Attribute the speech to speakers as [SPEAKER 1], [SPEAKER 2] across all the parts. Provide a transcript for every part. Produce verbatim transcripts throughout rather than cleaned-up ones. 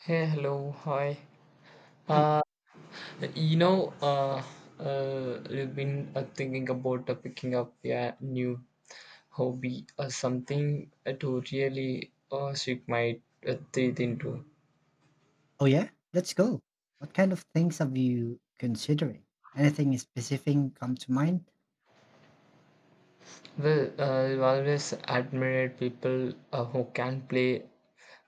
[SPEAKER 1] Hey, hello, hi.
[SPEAKER 2] Mm.
[SPEAKER 1] Uh, you know, uh, uh, I've been uh, thinking about uh, picking up a new hobby or something uh, to really uh, sink my uh, teeth into.
[SPEAKER 2] Oh, yeah? Let's go. What kind of things have you considering? Anything specific come to mind?
[SPEAKER 1] Well, uh, I've always admired people uh, who can play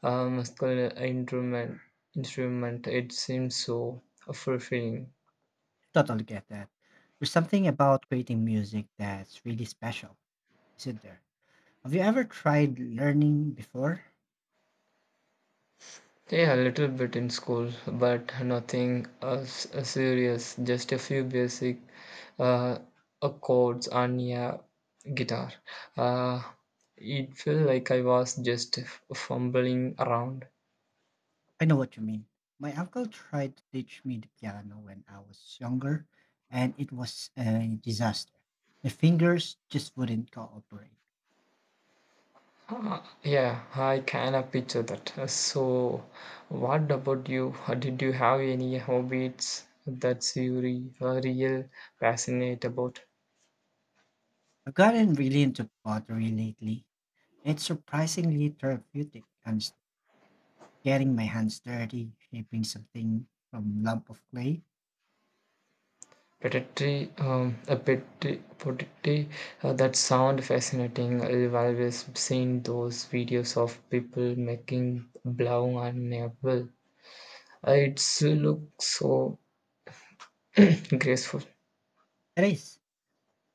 [SPEAKER 1] a musical instrument. Instrument, it seems so fulfilling.
[SPEAKER 2] Totally get that. There's something about creating music that's really special, isn't there? Have you ever tried learning before?
[SPEAKER 1] Yeah, a little bit in school, but nothing uh, s- uh, serious. Just a few basic uh, chords on a guitar. Uh, it felt like I was just f- fumbling around.
[SPEAKER 2] I know what you mean. My uncle tried to teach me the piano when I was younger, and it was a disaster. My fingers just wouldn't cooperate.
[SPEAKER 1] Uh, yeah, I can of picture that. Uh, So, what about you? Uh, Did you have any hobbies that you re- are real passionate about?
[SPEAKER 2] I've gotten really into pottery lately. It's surprisingly therapeutic and getting my hands dirty, shaping something from lump of clay.
[SPEAKER 1] Predatory, um, a predatory, predatory uh, That sound fascinating. I've always seen those videos of people making blau and apple. Uh, It's looks so graceful.
[SPEAKER 2] It is,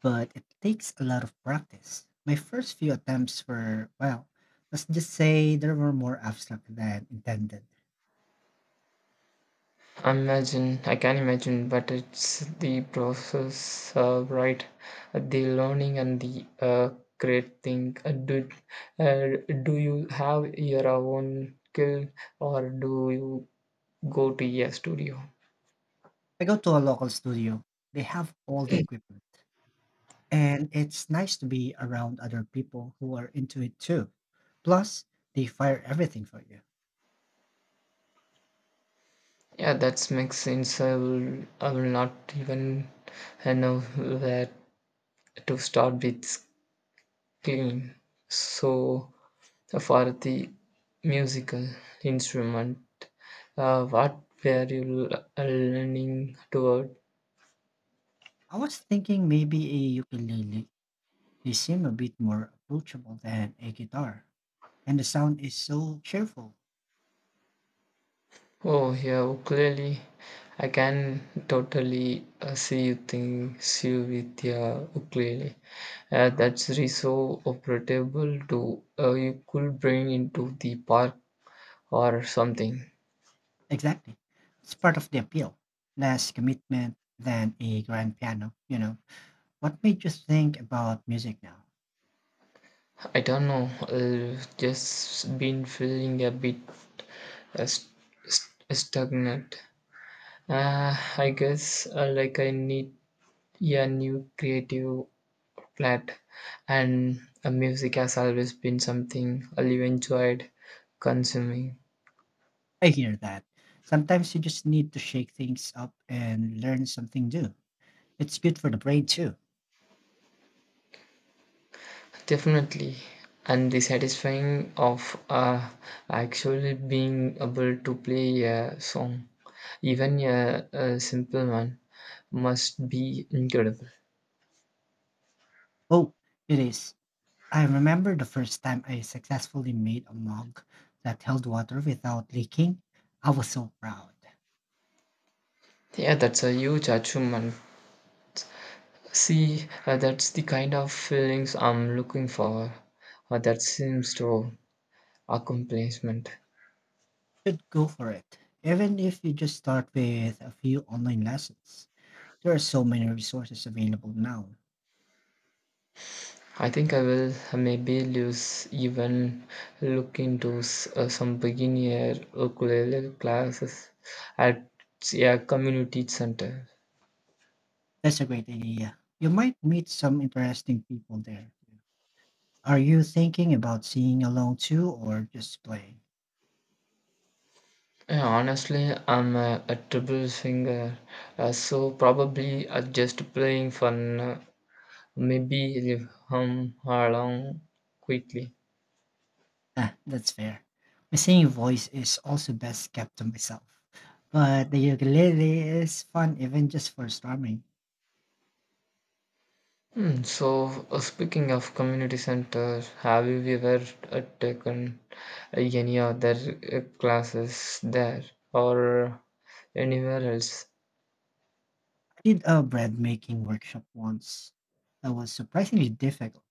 [SPEAKER 2] but it takes a lot of practice. My first few attempts were, well, let's just say they were more abstract than intended.
[SPEAKER 1] Imagine, I can imagine, but it's the process, uh, right? Uh, The learning and the uh, great thing. Uh, do, uh, do you have your own skill or do you go to a studio?
[SPEAKER 2] I go to a local studio. They have all the equipment. And it's nice to be around other people who are into it too. Plus, they fire everything for you.
[SPEAKER 1] Yeah, that makes sense. I will, I will not even uh, know where to start with screen. So, for the musical instrument, uh, what were you l- leaning toward?
[SPEAKER 2] I was thinking maybe a ukulele. They seem a bit more approachable than a guitar, and the sound is so cheerful.
[SPEAKER 1] Oh, yeah, ukulele. I can totally uh, see you think you with your ukulele. Uh, that's really so operable to uh, you could bring into the park or something.
[SPEAKER 2] Exactly. It's part of the appeal. Less commitment than a grand piano, you know. What made you think about music now?
[SPEAKER 1] I don't know. Uh, just been feeling a bit uh, st- st- stagnant. Uh, I guess uh, like I need a new creative flat, and uh, music has always been something I've enjoyed consuming.
[SPEAKER 2] I hear that. Sometimes you just need to shake things up and learn something new. It's good for the brain too.
[SPEAKER 1] Definitely. And the satisfying of uh, actually being able to play a song, even a, a simple one must be incredible.
[SPEAKER 2] Oh, it is. I remember the first time I successfully made a mug that held water without leaking. I was so proud.
[SPEAKER 1] Yeah, that's a huge achievement. See, uh, that's the kind of feelings I'm looking for. Uh, that seems to accomplishment.
[SPEAKER 2] Should go for it, even if you just start with a few online lessons. There are so many resources available now.
[SPEAKER 1] I think I will maybe lose even look into s- uh, some beginner ukulele classes at a community center.
[SPEAKER 2] That's a great idea. You might meet some interesting people there too. Are you thinking about singing along too or just playing?
[SPEAKER 1] Yeah, honestly, I'm a, a triple finger, uh, so probably uh, just playing fun uh, maybe leave him along quickly.
[SPEAKER 2] Ah, that's fair. My singing voice is also best kept to myself. But the ukulele is fun even just for strumming.
[SPEAKER 1] Hmm, So, uh, speaking of community centers, have you ever uh, taken uh, any other uh, classes there or anywhere else?
[SPEAKER 2] I did a bread making workshop once that was surprisingly difficult.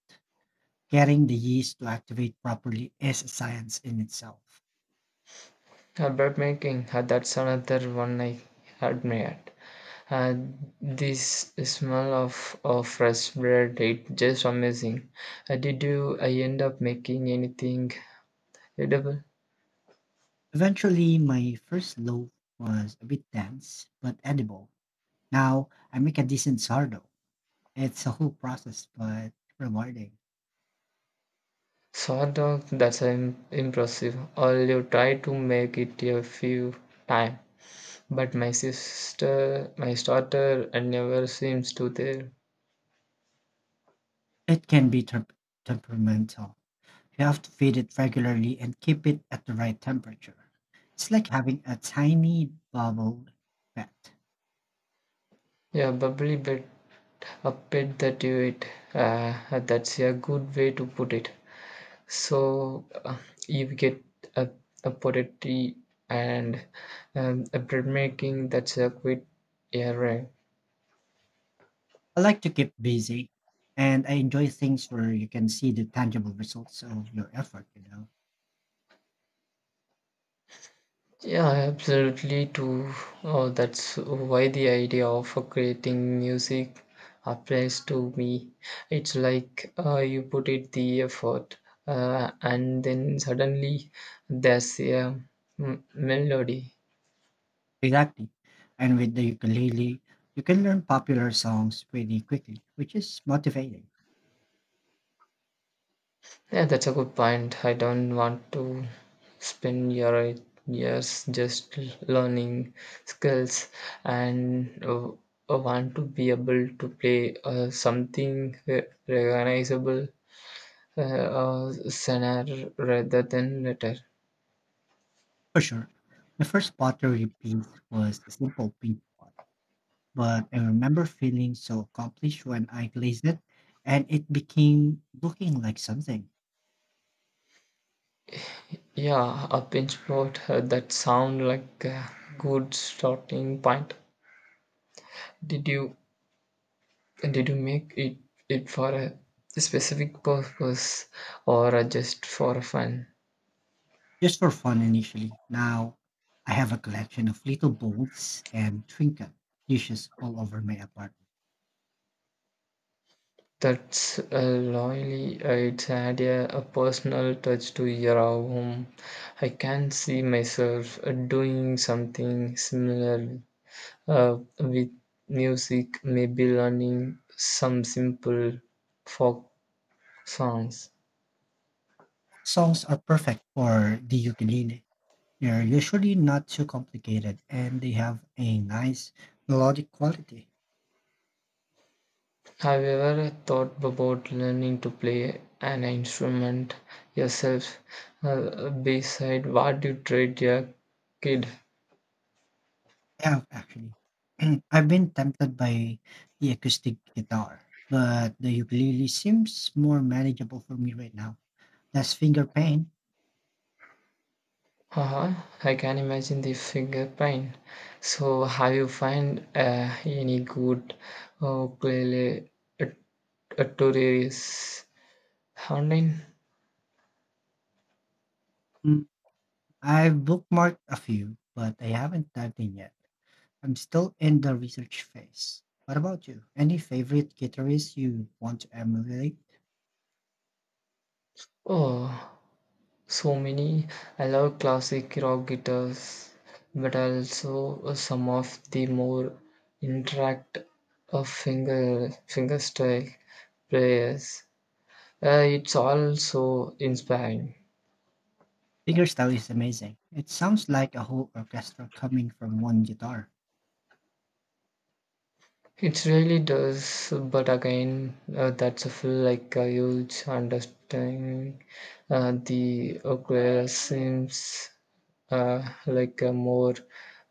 [SPEAKER 2] Getting the yeast to activate properly is a science in itself.
[SPEAKER 1] Uh, bread making, uh, that's another one I admire. Uh, this smell of, of fresh bread, it just amazing. Uh, did you uh, end up making anything edible?
[SPEAKER 2] Eventually, my first loaf was a bit dense but edible. Now I make a decent sourdough. It's a whole process, but rewarding.
[SPEAKER 1] Sort of, that's im- impressive. I'll try to make it a few times, but my sister, my daughter, uh, never seems to there.
[SPEAKER 2] It can be temp- temperamental. You have to feed it regularly and keep it at the right temperature. It's like having a tiny bubble pet.
[SPEAKER 1] Yeah, bubbly bit, a bit that you eat. Uh, that's a good way to put it. So uh, you get a, a potato and um, a bread making that's a quite error.
[SPEAKER 2] I like to keep busy, and I enjoy things where you can see the tangible results of your effort. You know.
[SPEAKER 1] Yeah, absolutely too. Oh, that's why the idea of creating music applies to me. It's like uh, you put it the effort, uh, and then suddenly there's a m- melody.
[SPEAKER 2] Exactly. And with the ukulele, you can learn popular songs pretty quickly, which is motivating.
[SPEAKER 1] Yeah, that's a good point. I don't want to spend your years just learning skills and uh, I want to be able to play uh, something re- recognizable uh, uh, sooner rather than later.
[SPEAKER 2] For sure. The first pottery piece was a simple pink pot, but I remember feeling so accomplished when I glazed it and it became looking like something.
[SPEAKER 1] Yeah, a pinch plot uh, that sound like a good starting point. Did you did you make it it for a specific purpose or uh, just for fun?
[SPEAKER 2] Just for fun initially. Now I have a collection of little bowls and trinket dishes all over my apartment.
[SPEAKER 1] That's uh, loyally uh, it's add a, a personal touch to your home. I can see myself uh, doing something similar Uh, with music, maybe learning some simple folk songs.
[SPEAKER 2] Songs are perfect for the ukulele. They're usually not too complicated and they have a nice melodic quality.
[SPEAKER 1] Have you ever thought about learning to play an instrument yourself uh, beside what you trade your kid?
[SPEAKER 2] I have actually. I've been tempted by the acoustic guitar, but the ukulele seems more manageable for me right now. Less finger pain.
[SPEAKER 1] Haha, I can imagine the finger pain. So, have you find uh, any good uh, ukulele uh, tutorials online?
[SPEAKER 2] I've bookmarked a few, but I haven't dived in yet. I'm still in the research phase. What about you? Any favorite guitarists you want to emulate?
[SPEAKER 1] Oh, so many. I love classic rock guitars, but also some of the more interact of finger fingerstyle players. Uh, it's also inspiring.
[SPEAKER 2] Fingerstyle is amazing. It sounds like a whole orchestra coming from one guitar.
[SPEAKER 1] It really does, but again, uh, that's a feel like a huge understanding. Uh, the ukulele seems uh, like a more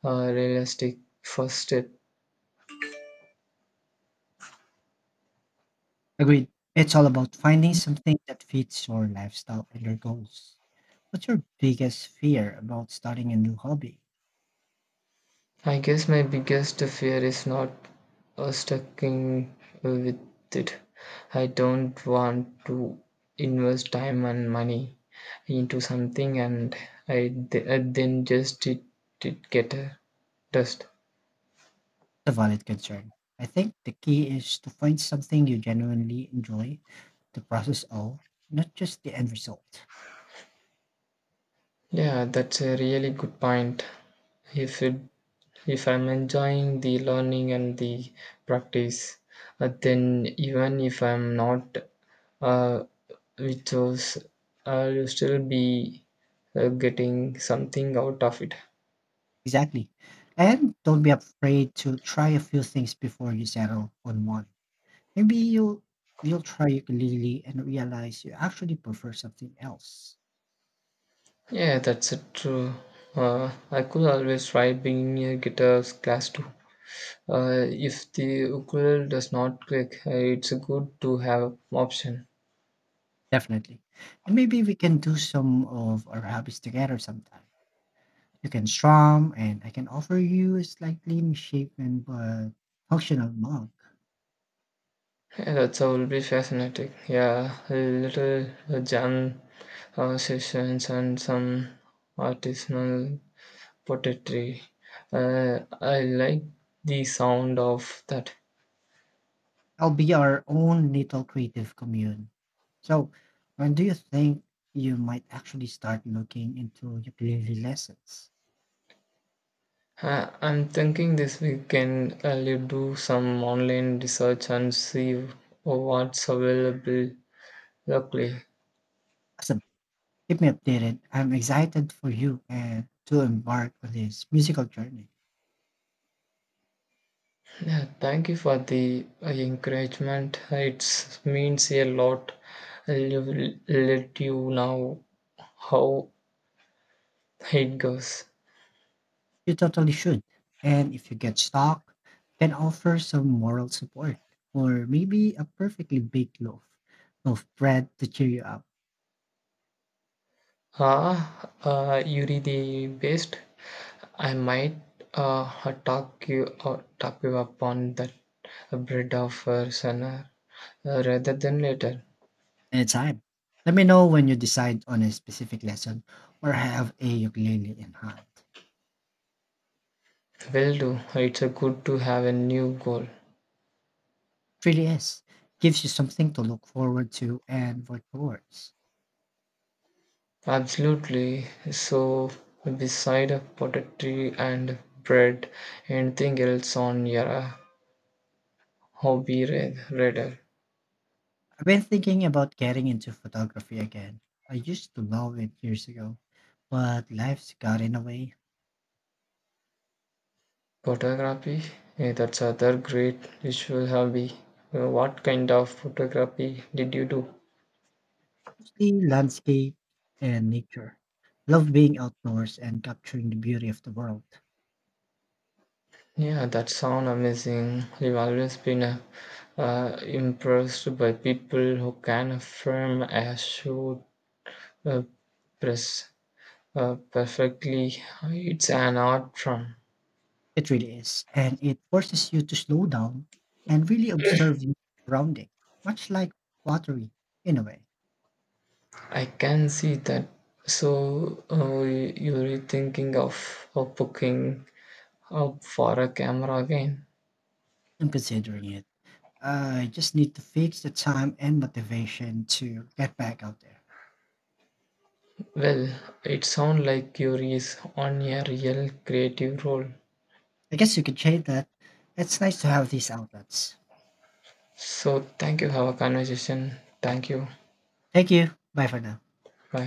[SPEAKER 1] uh, realistic first step.
[SPEAKER 2] Agreed. It's all about finding something that fits your lifestyle and your goals. What's your biggest fear about starting a new hobby?
[SPEAKER 1] I guess my biggest fear is not uh, sticking with it. I don't want to invest time and money into something and I th- uh, then just it, it get a dust.
[SPEAKER 2] It's a valid concern. I think the key is to find something you genuinely enjoy, the process all, not just the end result.
[SPEAKER 1] Yeah, that's a really good point. If it, if I'm enjoying the learning and the practice, uh, then even if I'm not, uh, which was, I'll still be uh, getting something out of it.
[SPEAKER 2] Exactly. And don't be afraid to try a few things before you settle on one. Maybe you'll you'll try ukulele and realize you actually prefer something else.
[SPEAKER 1] Yeah, that's it, true. Uh, I could always try being a guitar class too. Uh, if the ukulele does not click, uh, it's good to have option.
[SPEAKER 2] Definitely. And maybe we can do some of our hobbies together sometime. You can strum and I can offer you a slightly misshapen but functional mug.
[SPEAKER 1] Yeah, that will be fascinating. Yeah, a little uh, jam uh, sessions and some artisanal pottery. Uh, I like the sound of that.
[SPEAKER 2] I'll be our own little creative commune. So when do you think you might actually start looking into ukulele lessons?
[SPEAKER 1] Uh, I'm thinking this weekend I'll do some online research and see what's available locally.
[SPEAKER 2] As a keep me updated. I'm excited for you and to embark on this musical journey.
[SPEAKER 1] Yeah, thank you for the uh, encouragement. It means a lot. I'll let you know how it goes.
[SPEAKER 2] You totally should. And if you get stuck, can offer some moral support or maybe a perfectly baked loaf of bread to cheer you up
[SPEAKER 1] Ah, uh, you're the best. I might uh, talk you or talk you upon that bread of uh, sooner uh, rather than later.
[SPEAKER 2] anytime. Let me know when you decide on a specific lesson or have a ukulele in hand. It
[SPEAKER 1] Will do. It's a good to have a new goal.
[SPEAKER 2] really is. Gives you something to look forward to and work towards.
[SPEAKER 1] Absolutely. So, beside a potato and bread, anything else on your uh, hobby ra- radar?
[SPEAKER 2] I've been thinking about getting into photography again. I used to love it years ago, but life's got in the way,
[SPEAKER 1] Photography? Yeah, that's other great visual hobby. Uh, What kind of photography did you do?
[SPEAKER 2] mostly landscape and nature. Love being outdoors and capturing the beauty of the world.
[SPEAKER 1] Yeah, that sound amazing. I've always been uh, uh, impressed by people who can frame a shoot uh, press uh, perfectly. It's an art form.
[SPEAKER 2] It really is, and it forces you to slow down and really observe your surrounding, much like pottery in a way.
[SPEAKER 1] I can see that. So uh, you're thinking of, of booking up for a camera again?
[SPEAKER 2] I'm considering it. I just need to fix the time and motivation to get back out there.
[SPEAKER 1] Well, it sounds like you're is on a real creative role.
[SPEAKER 2] I guess you could change that. It's nice to have these outlets.
[SPEAKER 1] So thank you. Have a conversation. Thank you.
[SPEAKER 2] Thank you. Bye for now.
[SPEAKER 1] Bye.